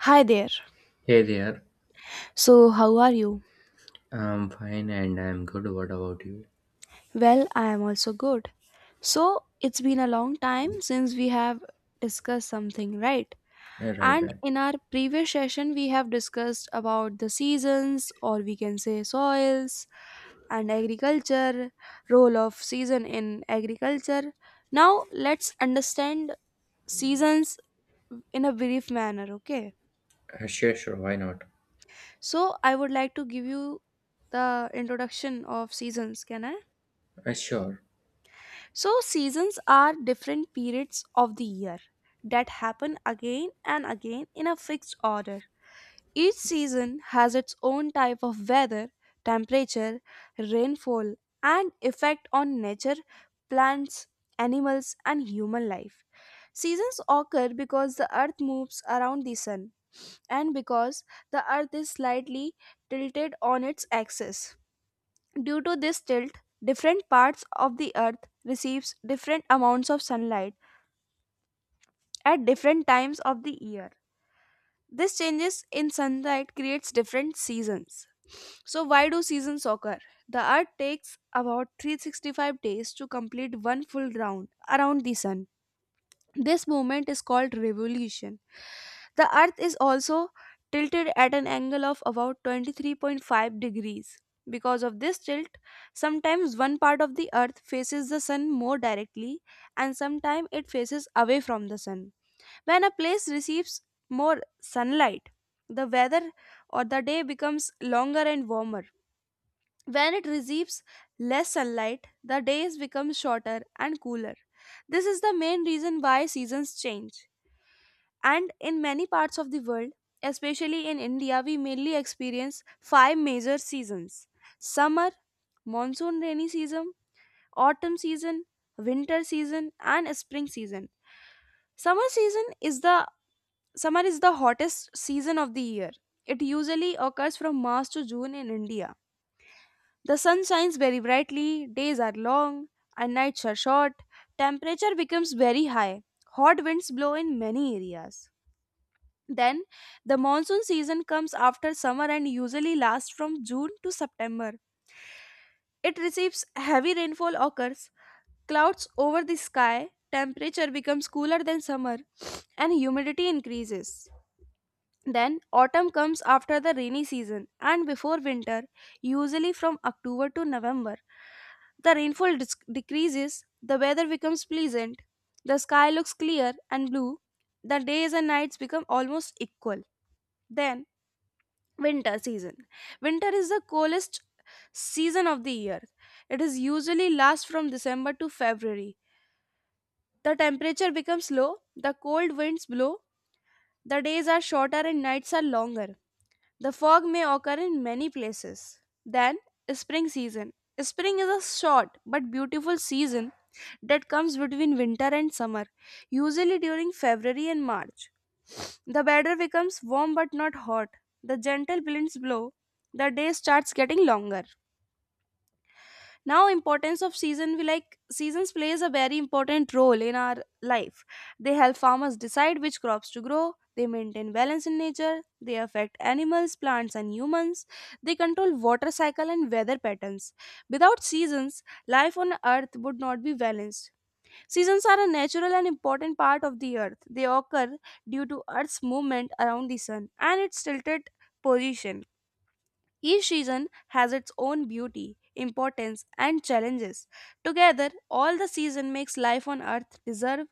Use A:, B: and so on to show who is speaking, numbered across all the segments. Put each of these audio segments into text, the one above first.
A: Hi there.
B: Hey there.
A: So, how are you?
B: I'm fine and I'm good. What about you?
A: Well, I am also good. So, it's been a long time since we have discussed something, right?
B: Uh, Right,
A: And
B: right.
A: in our previous session, we have discussed about the seasons, or we can say soils, and agriculture, role of season in agriculture. Now, let's understand seasons in a brief manner, okay?
B: Sure, sure. Why not?
A: So, I would like to give you the introduction of seasons, can I?
B: Uh, sure,
A: So, seasons are different periods of the year that happen again and again in a fixed order. Each season has its own type of weather, temperature, rainfall, and effect on nature, plants, animals, and human life. Seasons occur because the earth moves around the sun and because the earth is slightly tilted on its axis. Due to this tilt, different parts of the earth receives different amounts of sunlight at different times of the year. This changes in sunlight creates different seasons. So why do seasons occur? The earth takes about 365 days to complete one full round around the sun. This movement is called revolution. The earth is also tilted at an angle of about 23.5 degrees. Because of this tilt, sometimes one part of the earth faces the sun more directly and sometimes it faces away from the sun. When a place receives more sunlight, the weather or the day becomes longer and warmer. When it receives less sunlight, the days become shorter and cooler. This is the main reason why seasons change. And in many parts of the world, especially in India, we mainly experience five major seasons: summer, monsoon rainy season, autumn season, winter season, and spring season. Summer season is the summer is the hottest season of the year. It usually occurs from March to June in India. The sun shines very brightly, days are long, and nights are short. Temperature becomes very high. Hot winds blow in many areas. Then the monsoon season comes after summer and usually lasts from June to September. It receives heavy rainfall occurs, clouds over the sky, temperature becomes cooler than summer, and humidity increases. Then autumn comes after the rainy season and before winter, usually from October to November. The rainfall decreases, the weather becomes pleasant, the sky looks clear and blue, the days and nights become almost equal. Then Winter season. Winter is the coldest season of the year. It is usually lasts from December to February. The temperature becomes low, the cold winds blow, the days are shorter and nights are longer. The fog may occur in many places. Then, spring season. Spring is a short but beautiful season that comes between winter and summer, usually during February and March. The weather becomes warm but not hot. The gentle winds blow. The day starts getting longer. Now, importance of season. We like seasons plays a very important role in our life. They help farmers decide which crops to grow. They maintain balance in nature. They affect animals, plants and humans. They control water cycle and weather patterns. Without seasons, life on earth would not be balanced. Seasons are a natural and important part of the earth. They occur due to earth's movement around the sun and its tilted position. Each season has its own beauty, importance, and challenges. Together, all the season makes life on Earth deserve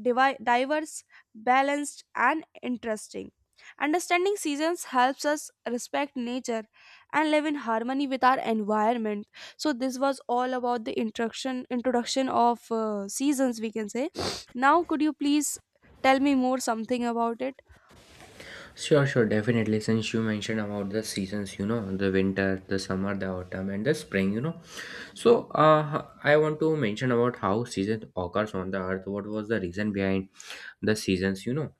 A: diverse, balanced, and interesting. Understanding seasons helps us respect nature and live in harmony with our environment. So this was all about the introduction of seasons we can say. Now could you please tell me more something about it?
B: sure, sure. Definitely. Since you mentioned about the seasons, the winter, the summer, the autumn, and the spring, So I want to mention about how seasons occurs on the earth. What was the reason behind the seasons? You know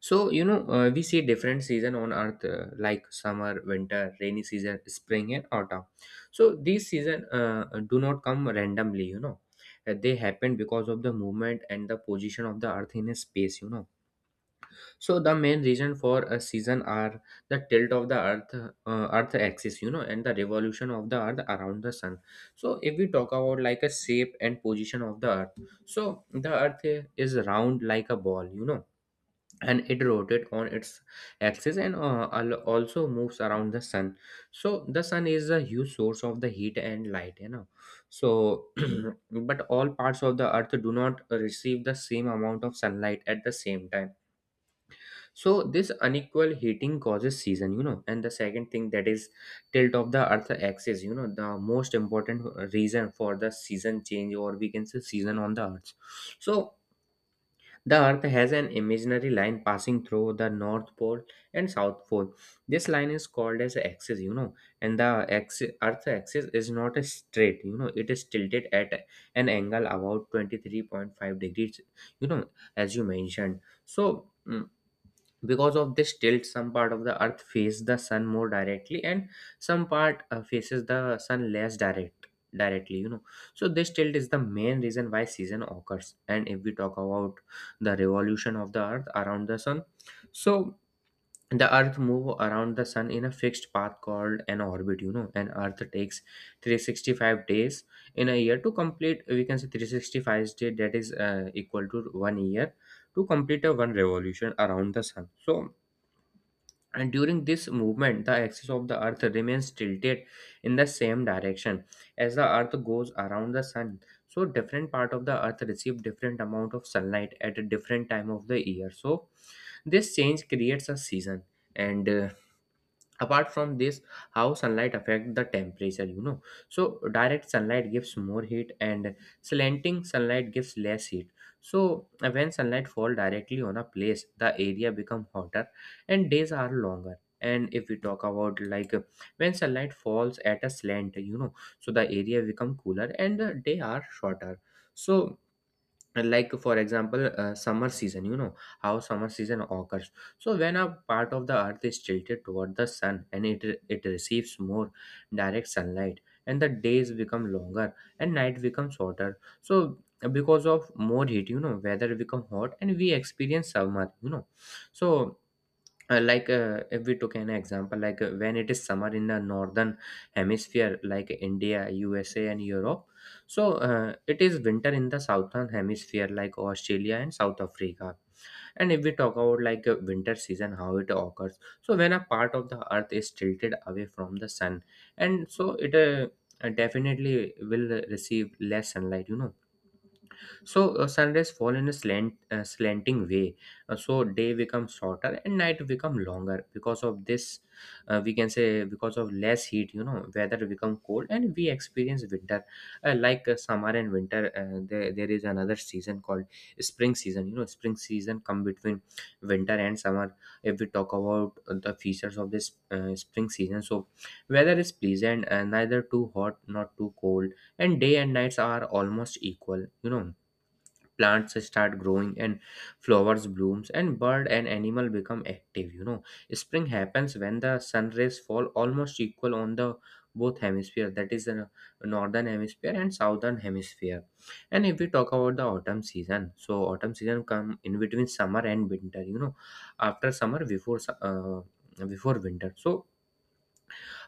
B: So, you know, uh, we see different season on earth like summer, winter, rainy season, spring and autumn. So, these season do not come randomly, They happen because of the movement and the position of the earth in a space, So, the main reason for a season are the tilt of the earth axis, and the revolution of the earth around the sun. So, if we talk about like a shape and position of the earth. So, the earth is round like a ball, and it rotates on its axis and also moves around the sun, so the sun is a huge source of the heat and light, so but all parts of the earth do not receive the same amount of sunlight at the same time. So this unequal heating causes season, and the second thing, that is tilt of the earth axis, the most important reason for the season change, or we can say season on the earth. So the Earth has an imaginary line passing through the North Pole and South Pole. This line is called as axis, and the axis, Earth axis is not a straight, it is tilted at an angle about 23.5 degrees, you know, as you mentioned. So, mm, because of this tilt, some part of the Earth face the sun more directly, and some part faces the sun less directly. So this tilt is the main reason why season occurs. And if we talk about the revolution of the Earth around the sun, so the Earth move around the sun in a fixed path called an orbit. You know, and Earth takes 365 days in a year to complete. We can say 365 days, that is equal to one year, to complete a one revolution around the sun. So and during this movement the axis of the earth remains tilted in the same direction as the earth goes around the sun. So different part of the earth receive different amount of sunlight at a different time of the year. So this change creates a season. And apart from this, how sunlight affect the temperature, so direct sunlight gives more heat and slanting sunlight gives less heat. So when sunlight fall directly on a place the area become hotter and days are longer. And if we talk about when sunlight falls at a slant, so the area become cooler and the day are shorter. So like, for example, summer season, how summer season occurs. So when a part of the earth is tilted toward the sun, and it receives more direct sunlight, and the days become longer and night becomes shorter, so because of more heat, weather become hot and we experience summer, so if we took an example when it is summer in the northern hemisphere like India, USA and Europe, so it is winter in the southern hemisphere like Australia and South Africa. And if we talk about like a winter season, how it occurs, so when a part of the earth is tilted away from the sun, and so it definitely will receive less sunlight, so sunrise fall in a slant, slanting way. So day becomes shorter and night become longer. Because of this, we can say because of less heat, weather become cold and we experience winter. Like summer and winter, there is another season called spring season. You know, spring season come between winter and summer. If we talk about the features of this spring season, so weather is pleasant, neither too hot nor too cold, and day and nights are almost equal. You know plants start growing and flowers blooms and bird and animal become active, spring happens when the sun rays fall almost equal on the both hemisphere, that is the northern hemisphere and southern hemisphere. And if we talk about the autumn season, so autumn season come in between summer and winter, after summer before winter. So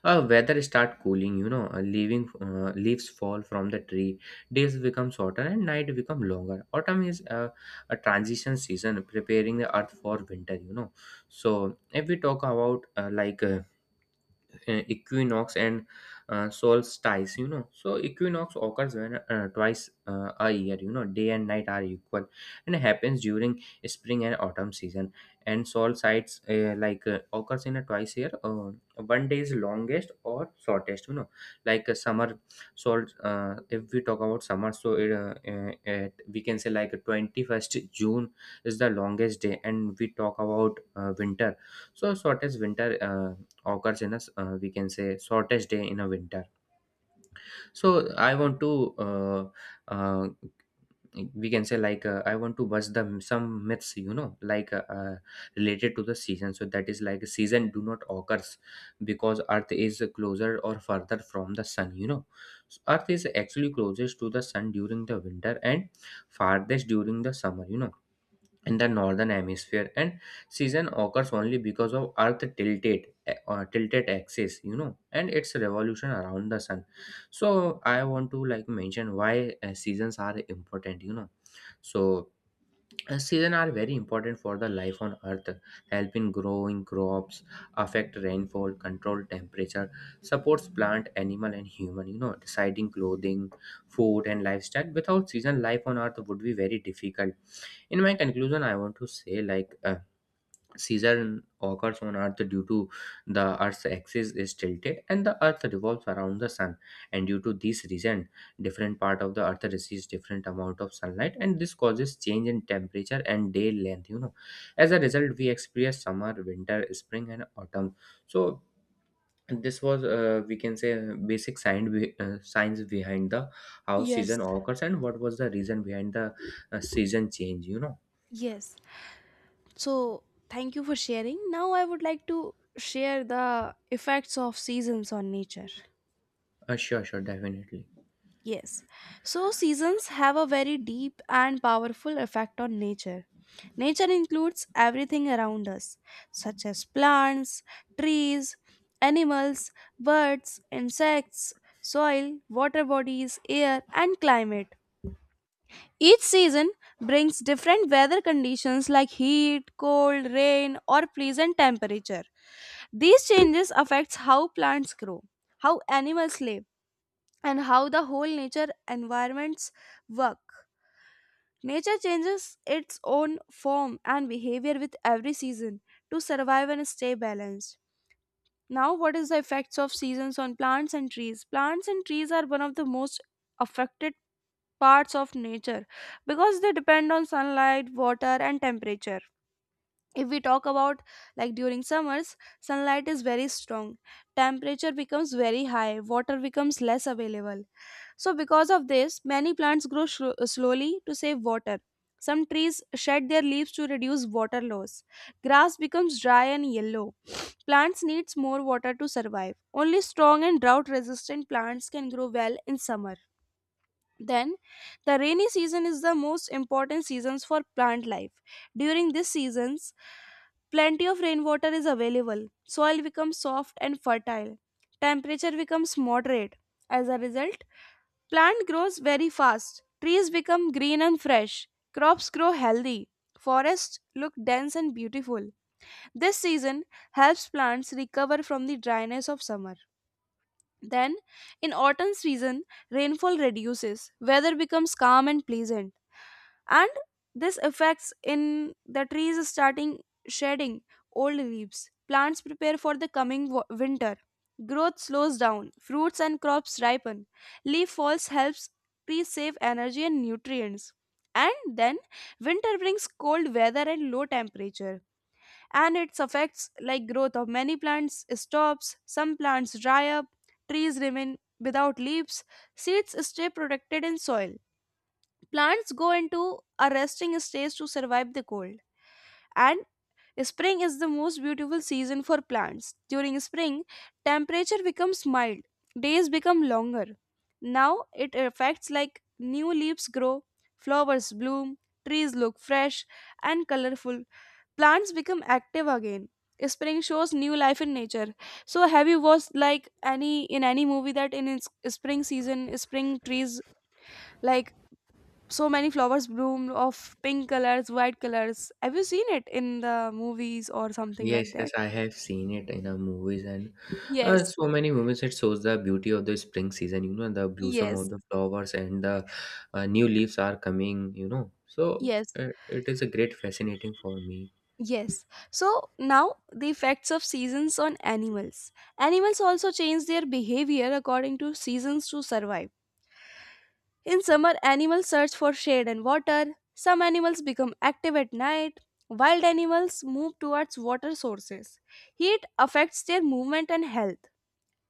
B: weather start cooling, you know, leaving leaves fall from the tree. Days become shorter and night become longer. Autumn is a transition season, preparing the earth for winter. You know, so if we talk about equinox and solstice, so equinox occurs when twice a year, day and night are equal, and happens during spring and autumn season. And solstice, occurs in a twice year, one day is longest or shortest, like a summer salt if we talk about summer, so we can say like 21st June is the longest day. And we talk about winter, so shortest winter occurs in a we can say shortest day in a winter. So I want to uh, we can say I want to bust the some myths, related to the season. So that is like season do not occurs because earth is closer or further from the sun, so earth is actually closest to the sun during the winter and farthest during the summer, in the northern hemisphere, and season occurs only because of earth tilted axis, and its revolution around the sun. So I want to like mention why seasons are important, so season are very important for the life on earth, helping growing crops, affect rainfall, control temperature, supports plant animal and human, deciding clothing, food and lifestyle. Without season, life on earth would be very difficult. In my conclusion, I want to say like season occurs on earth due to the earth's axis is tilted and the earth revolves around the sun, and due to this reason different part of the earth receives different amount of sunlight, and this causes change in temperature and day length, as a result we experience summer, winter, spring and autumn. So this was we can say basic science, science behind the how
A: Yes,
B: season occurs and what was the reason behind the season change,
A: yes. So thank you for sharing. Now I would like to share the effects of seasons on nature.
B: Sure, sure, definitely.
A: Yes. So seasons have a very deep and powerful effect on nature. Nature includes everything around us, such as plants, trees, animals, birds, insects, soil, water bodies, air, and climate. Each season brings different weather conditions like heat, cold, rain, or pleasant temperature. These changes affects how plants grow, how animals live and how the whole nature environments work. Nature changes its own form and behavior with every season to survive and stay balanced. Now, what is the effects of seasons on plants and trees? Plants and trees are one of the most affected parts of nature because they depend on sunlight, water, and temperature. If we talk about like during summers, sunlight is very strong, temperature becomes very high, water becomes less available, so, because of this, many plants grow slowly to save water. Some trees shed their leaves to reduce water loss. Grass becomes dry and yellow. Plants needs more water to survive. Only strong and drought resistant plants can grow well in summer. Then, the rainy season is the most important seasons for plant life. During these seasons, plenty of rainwater is available. Soil becomes soft and fertile. Temperature becomes moderate. As a result, plant grows very fast. Trees become green and fresh. Crops grow healthy. Forests look dense and beautiful. This season helps plants recover from the dryness of summer. Then, in autumn season, rainfall reduces, weather becomes calm and pleasant, and this affects in the trees starting shedding old leaves. Plants prepare for the coming winter. Growth slows down, fruits and crops ripen. Leaf falls helps trees save energy and nutrients. And then winter brings cold weather and low temperature, and its effects like growth of many plants stops, some plants dry up, trees remain without leaves, seeds stay protected in soil, plants go into a resting stage to survive the cold. And spring is the most beautiful season for plants. During spring, temperature becomes mild, days become longer. Now it affects like new leaves grow, flowers bloom, trees look fresh and colorful, plants become active again. Spring shows new life in nature. So have you watched like any, in any movie that in its spring season spring trees like so many flowers bloom of pink colors, white colors? Have you seen it in the movies or something
B: Yes,
A: like
B: yes,
A: that?
B: I have seen it in a movies and
A: Yes.
B: so many movies. It shows the beauty of the spring season, the blossom of
A: Yes.
B: the flowers and the new leaves are coming, So
A: Yes.
B: it is a great fascinating for me.
A: Yes. So now the effects of seasons on animals. Animals also change their behavior according to seasons to survive. In summer, animals search for shade and water. Some animals become active at night. Wild animals move towards water sources. Heat affects their movement and health.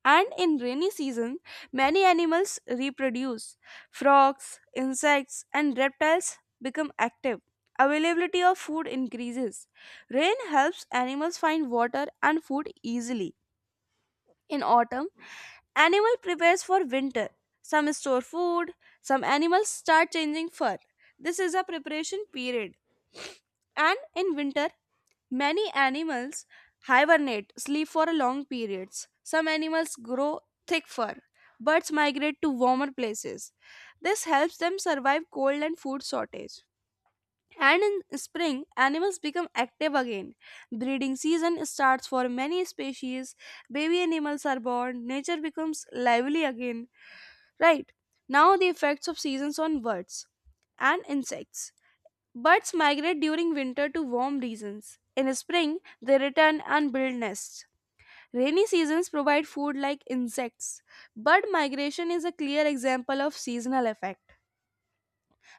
A: And in rainy season, many animals reproduce. Frogs, insects, and reptiles become active. Availability of food increases. Rain helps animals find water and food easily. In autumn, animal prepares for winter. Some store food, some animals start changing fur. This is a preparation period. And in winter, many animals hibernate, sleep for long periods. Some animals grow thick fur. Birds migrate to warmer places. This helps them survive cold and food shortage. And in spring, animals become active again. Breeding season starts for many species. Baby animals are born. Nature becomes lively again. Right. Now the effects of seasons on birds and insects. Birds migrate during winter to warm regions. In spring, they return and build nests. Rainy seasons provide food like insects. Bird migration is a clear example of seasonal effect.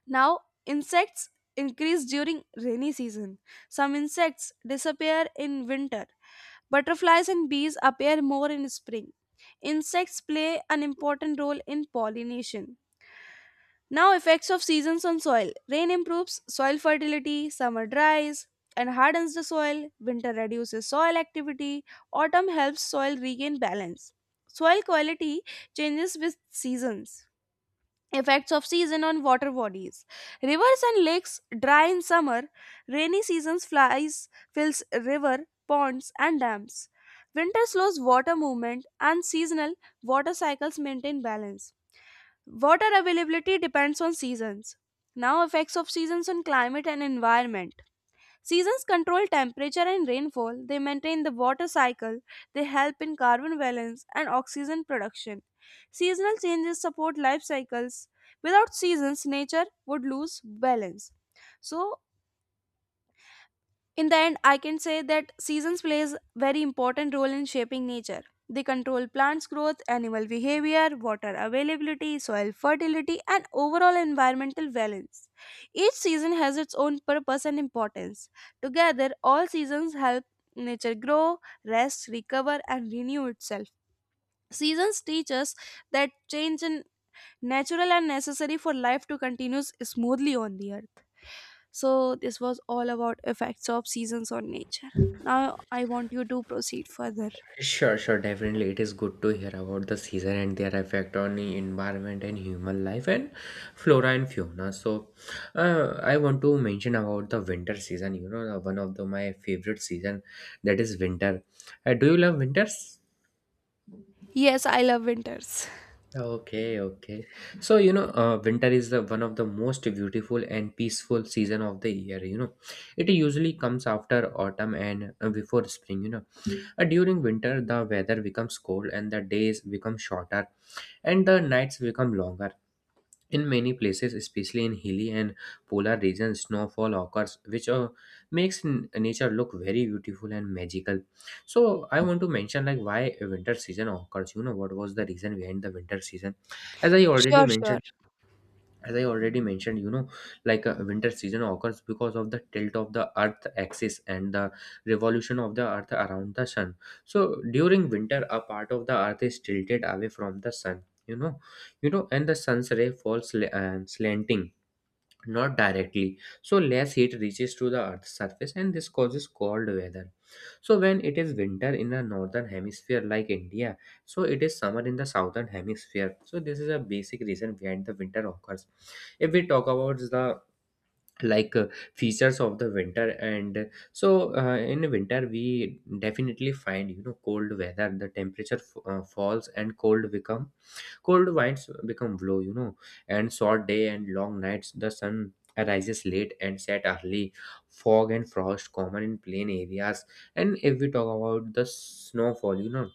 A: Now, insects increase during rainy season. Some insects disappear in winter. Butterflies and bees appear more in spring. Insects play an important role in pollination. Now, effects of seasons on soil. Rain improves soil fertility, summer dries and hardens the soil, winter reduces soil activity, autumn helps soil regain balance. Soil quality changes with seasons. Effects of season on water bodies. Rivers and lakes dry in summer, rainy seasons flies fills river, ponds and dams. Winter slows water movement and seasonal water cycles maintain balance. Water availability depends on seasons. Now, effects of seasons on climate and environment. Seasons control temperature and rainfall, they maintain the water cycle, they help in carbon balance and oxygen production. Seasonal changes support life cycles. Without seasons, nature would lose balance. So, in the end, I can say that seasons plays very important role in shaping nature. They control plants growth, animal behavior, water availability, soil fertility and overall environmental balance. Each season has its own purpose and importance. Together, all seasons help nature grow, rest, recover and renew itself. Seasons teach us that change in natural and necessary for life to continue smoothly on the earth. So this was all about effects of seasons on nature. Now I want you to proceed further.
B: Sure, sure, definitely. It is good to hear about the season and their effect on the environment and human life and flora and fauna. So, I want to mention about the winter season. You know, one of the, my favorite season, that is winter. Do you love winters?
A: Yes, I love winters.
B: Okay, okay. So, winter is the, one of the most beautiful and peaceful season of the year. You know, it usually comes after autumn and before spring. During winter, the weather becomes cold and the days become shorter and the nights become longer. In many places, especially in hilly and polar regions, snowfall occurs, which makes nature look very beautiful and magical. So, I want to mention like why winter season occurs. You know what was the reason behind the winter season? As I already
A: Sure, sure.
B: mentioned as I already mentioned you know like a winter season occurs because of the tilt of the earth axis and the revolution of the earth around the sun. So during winter, a part of the earth is tilted away from the sun, you know, and the sun's ray falls sl- and slanting, not directly, so less heat reaches to the earth's surface and this causes cold weather. So when it is winter in the northern hemisphere like india, so it is summer in the southern hemisphere. So this is a basic reason behind the winter occurs. If we talk about the like uh, features of the winter and so in winter, we definitely find, you know, cold weather. The temperature falls and cold become cold winds become blue, you know, and short day and long nights. The sun arises late and set early. Fog and frost common in plain areas. And if we talk about the snowfall, you know,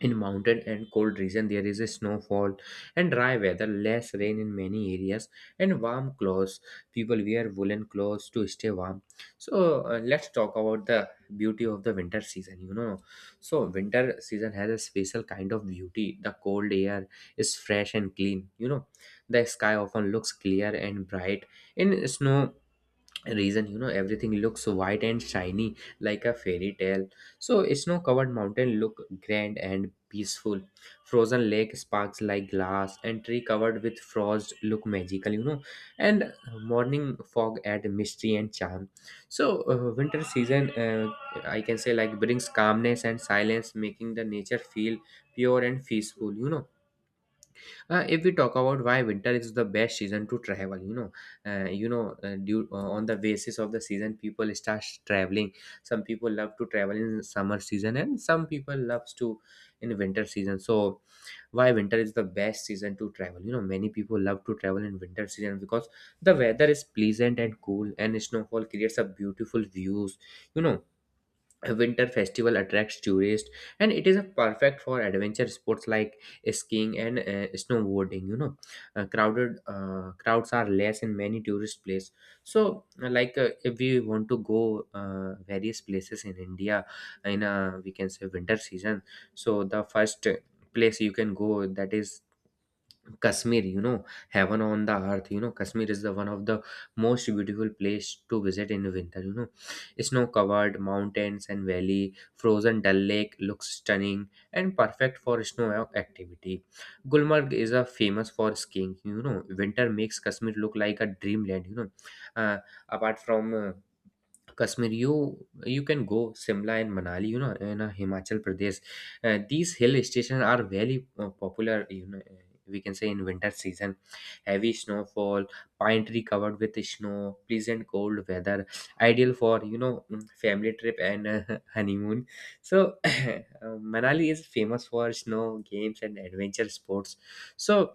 B: in mountain and cold region, there is a snowfall and dry weather, less rain in many areas, and warm clothes. People wear woolen clothes to stay warm. So let's talk about the beauty of the winter season. You know, so winter season has a special kind of beauty. The cold air is fresh and clean. You know, the sky often looks clear and bright. In snow reason, you know, everything looks white and shiny like a fairy tale. So snow covered mountain look grand and peaceful, frozen lake sparks like glass and tree covered with frost look magical, you know, and morning fog add mystery and charm. So winter season, I can say, like, brings calmness and silence, making the nature feel pure and peaceful, you know. If we talk about why winter is the best season to travel, due, on the basis of the season, people start traveling. Some people love to travel in summer season, and some people loves to in winter season. So why winter is the best season to travel? You know, many people love to travel in winter season because the weather is pleasant and cool, and snowfall creates a beautiful views. You know, a winter festival attracts tourists and it is a perfect for adventure sports like skiing and snowboarding, you know. Crowded Crowds are less in many tourist places. So if we want to go various places in india, in a, we can say, winter season. So the first place you can go, that is Kashmir, you know, heaven on the earth. You know, Kashmir is the one of the most beautiful place to visit in winter. You know, snow-covered mountains and valley, frozen Dal Lake looks stunning and perfect for snow activity. Gulmarg is a famous for skiing. You know, winter makes Kashmir look like a dreamland. You know, uh, apart from Kashmir, you can go Simla and Manali. You know, in Himachal Pradesh, these hill stations are very popular. You know, we can say in winter season, heavy snowfall, pine tree covered with snow, pleasant cold weather, ideal for, you know, family trip and honeymoon. So Manali is famous for snow games and adventure sports. So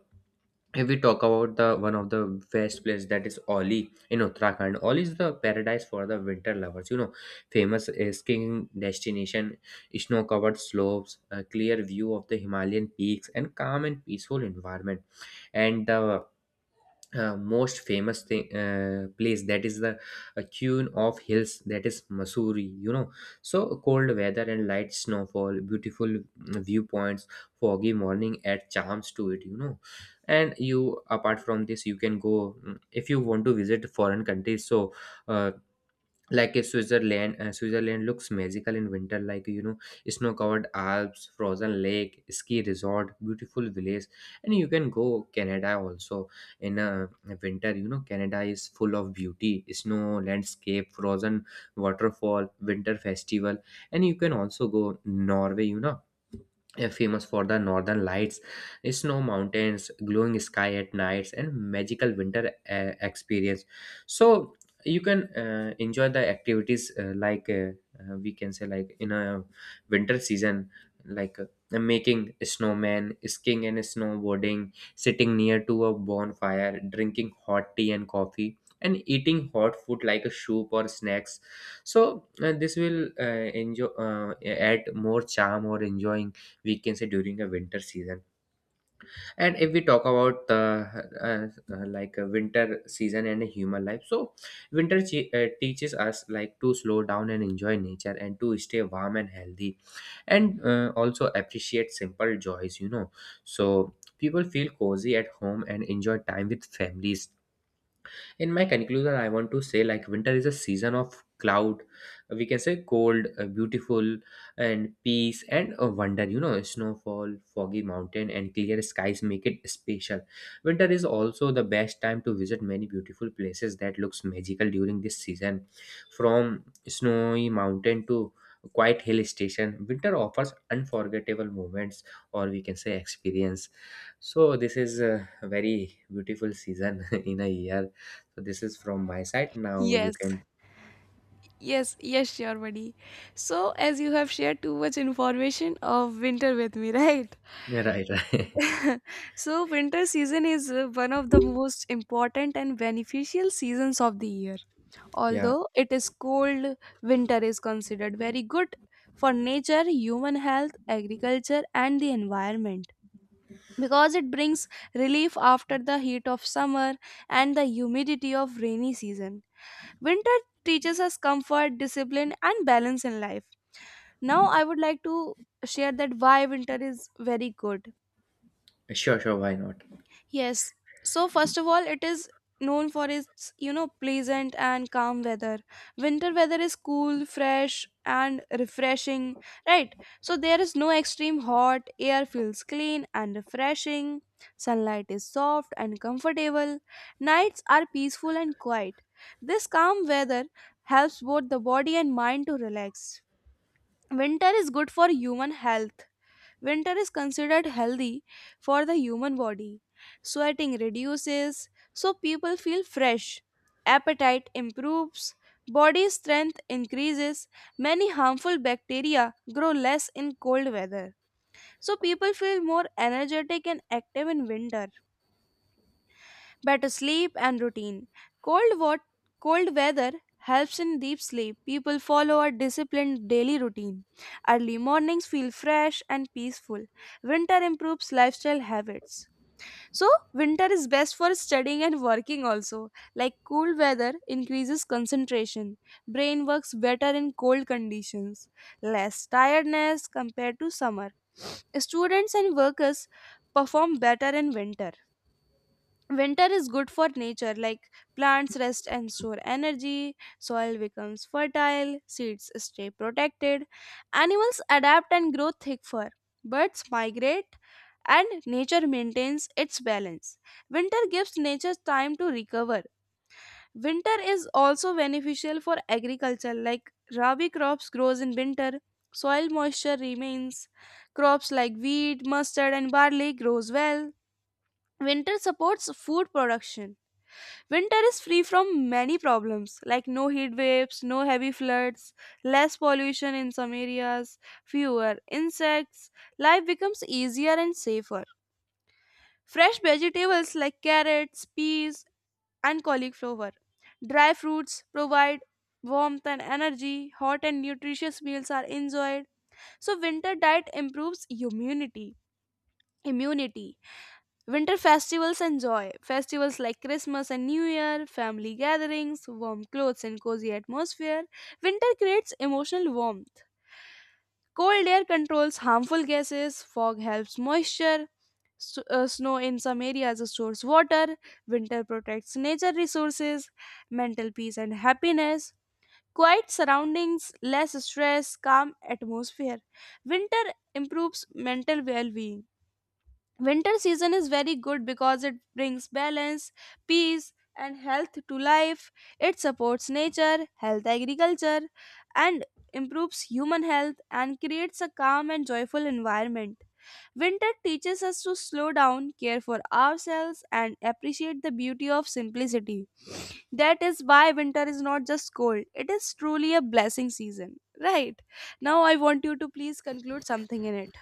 B: if we talk about the one of the best place, that is Oli in Uttarakhand. Oli is the paradise for the winter lovers. You know, famous skiing destination, snow-covered slopes, a clear view of the Himalayan peaks, and calm and peaceful environment. And the most famous thing place, that is the queen of hills, that is Missouri, you know. So cold weather and light snowfall, beautiful, viewpoints, foggy morning add charms to it, you know. And you, apart from this, you can go, if you want to visit foreign countries, so uh, like a switzerland switzerland looks magical in winter, like, you know, snow covered alps, frozen lake, ski resort, beautiful village. And you can go canada also, in winter, you know. Canada is full of beauty, snow landscape, frozen waterfall, winter festival. And you can also go norway, you know, famous for the northern lights, snow mountains, glowing sky at nights and magical winter experience. So you can enjoy the activities we can say, like in a winter season, making a snowman, skiing and snowboarding, sitting near to a bonfire, drinking hot tea and coffee and eating hot food like a soup or snacks. So this will enjoy, add more charm or enjoying, we can say, during a winter season. And if we talk about like a winter season and human life, so winter teaches us, like, to slow down and enjoy nature and to stay warm and healthy and also appreciate simple joys, you know. So people feel cozy at home and enjoy time with families. In my conclusion, I want to say, like, winter is a season of cloud, we can say, cold, beautiful and peace and wonder, you know. Snowfall, foggy mountain and clear skies make it special. Winter is also the best time to visit many beautiful places that looks magical during this season. From snowy mountain to quiet hill station, winter offers unforgettable moments, or we can say experience. So this is a very beautiful season in a year. So this is from my side. Now you
A: Yes.
B: can.
A: Yes, yes, sure, buddy. So, as you have shared too much information of winter with me, right?
B: Yeah, right, right.
A: So, winter season is one of the most important and beneficial seasons of the year.
B: Yeah,
A: Although it is cold, winter is considered very good for nature, human health, agriculture, and the environment because it brings relief after the heat of summer and the humidity of rainy season. Winter teaches us comfort, discipline, and balance in life. Now, I would like to share that why winter is very good.
B: sure, sure. Why not?
A: Yes. So first of all, it is known for its, you know, pleasant and calm weather. Winter weather is cool, fresh, and refreshing, right? So there is no extreme hot, air feels clean and refreshing, sunlight is soft and comfortable, nights are peaceful and quiet. This calm weather helps both the body and mind to relax. Winter is good for human health. Winter is considered healthy for the human body. Sweating reduces, so people feel fresh. Appetite improves, body strength increases. Many harmful bacteria grow less in cold weather. So people feel more energetic and active in winter. Better sleep and routine. Cold, wat- cold weather helps in deep sleep. People follow a disciplined daily routine. Early mornings feel fresh and peaceful. Winter improves lifestyle habits. So, winter is best for studying and working also. Like cool weather increases concentration. Brain works better in cold conditions. Less tiredness compared to summer. Students and workers perform better in winter. Winter is good for nature, like plants rest and store energy, soil becomes fertile, seeds stay protected, animals adapt and grow thick fur, birds migrate, and nature maintains its balance. Winter gives nature time to recover. Winter is also beneficial for agriculture, like rabi crops grows in winter, soil moisture remains, crops like wheat, mustard and barley grows well. Winter supports food production. Winter is free from many problems like no heat waves, no heavy floods, less pollution in some areas, fewer insects. Life becomes easier and safer. Fresh vegetables like carrots, peas, and cauliflower. Dry fruits provide warmth and energy. Hot and nutritious meals are enjoyed. So winter diet improves immunity. Immunity. Winter festivals and joy. Festivals like Christmas and New Year, family gatherings, warm clothes, and cozy atmosphere. Winter creates emotional warmth. Cold air controls harmful gases, fog helps moisture, snow in some areas stores water, winter protects nature resources, mental peace and happiness, quiet surroundings, less stress, calm atmosphere. Winter improves mental well being. Winter season is very good because it brings balance, peace and health to life. It supports nature, health, agriculture, and improves human health and creates a calm and joyful environment. Winter teaches us to slow down, care for ourselves and appreciate the beauty of simplicity. That is why winter is not just cold, it is truly a blessing season, right? Now I want you to please conclude something in it.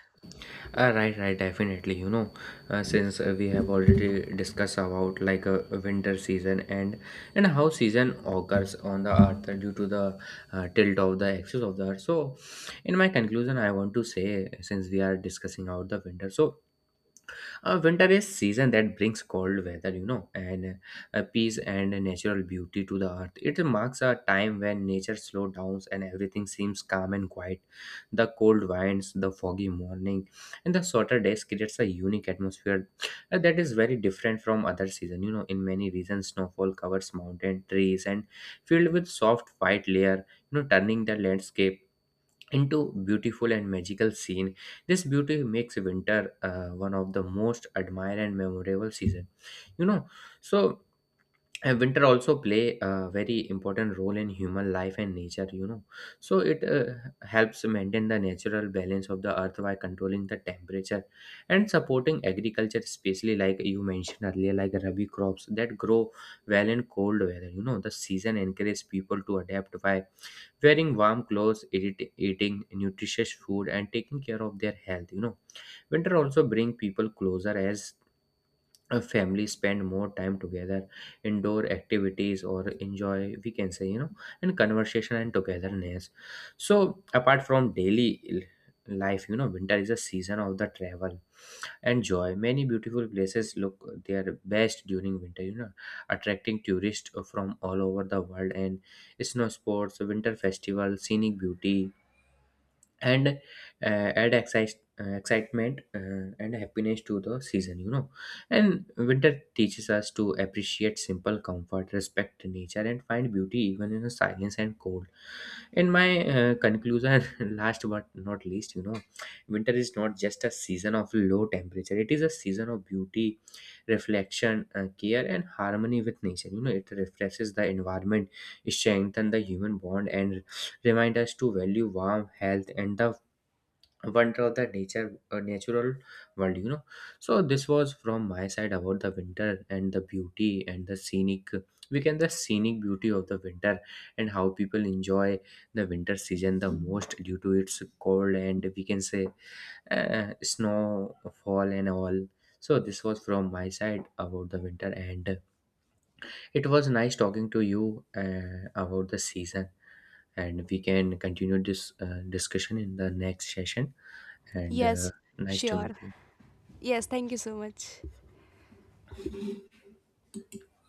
B: Right, right. Definitely. You know, since we have already discussed about like a winter season and how season occurs on the earth due to the tilt of the axis of the earth. So in my conclusion, I want to say, since we are discussing out the winter, so winter is season that brings cold weather, you know, and peace and natural beauty to the earth. It marks a time when nature slows down and everything seems calm and quiet. The cold winds, the foggy morning, and the shorter days creates a unique atmosphere that is very different from other season. You know, in many regions, snowfall covers mountain trees and filled with soft white layer, you know, turning the landscape into beautiful and magical scene. This beauty makes winter one of the most admired and memorable season, you know. So and winter also play a very important role in human life and nature, you know. So it helps maintain the natural balance of the earth by controlling the temperature and supporting agriculture, especially like you mentioned earlier, like rabi crops that grow well in cold weather, you know. The season encourages people to adapt by wearing warm clothes, eating nutritious food and taking care of their health, you know. Winter also bring people closer as a family spend more time together, indoor activities or enjoy, we can say, you know, and conversation and togetherness. So apart from daily life, you know, winter is a season of the travel and joy. Many beautiful places look their best during winter, you know, attracting tourists from all over the world, and snow sports, winter festival, scenic beauty and uh, excitement and happiness to the season, you know. And winter teaches us to appreciate simple comfort, respect nature and find beauty even in the silence and cold. In my conclusion, last but not least, you know, winter is not just a season of low temperature, it is a season of beauty, reflection, care and harmony with nature, you know. It refreshes the environment, strengthens the human bond and remind us to value warmth, health, and the wonder of the natural world. You know, so this was from my side about the winter and the beauty and the scenic. We can the scenic beauty of the winter and how people enjoy the winter season the most due to its cold and we can say snowfall and all. So this was from my side about the winter and it was nice talking to you about the season, and we can continue this discussion in the next session, and
A: Yes,
B: nice to meet
A: sure.
B: you.
A: Yes, thank you so much.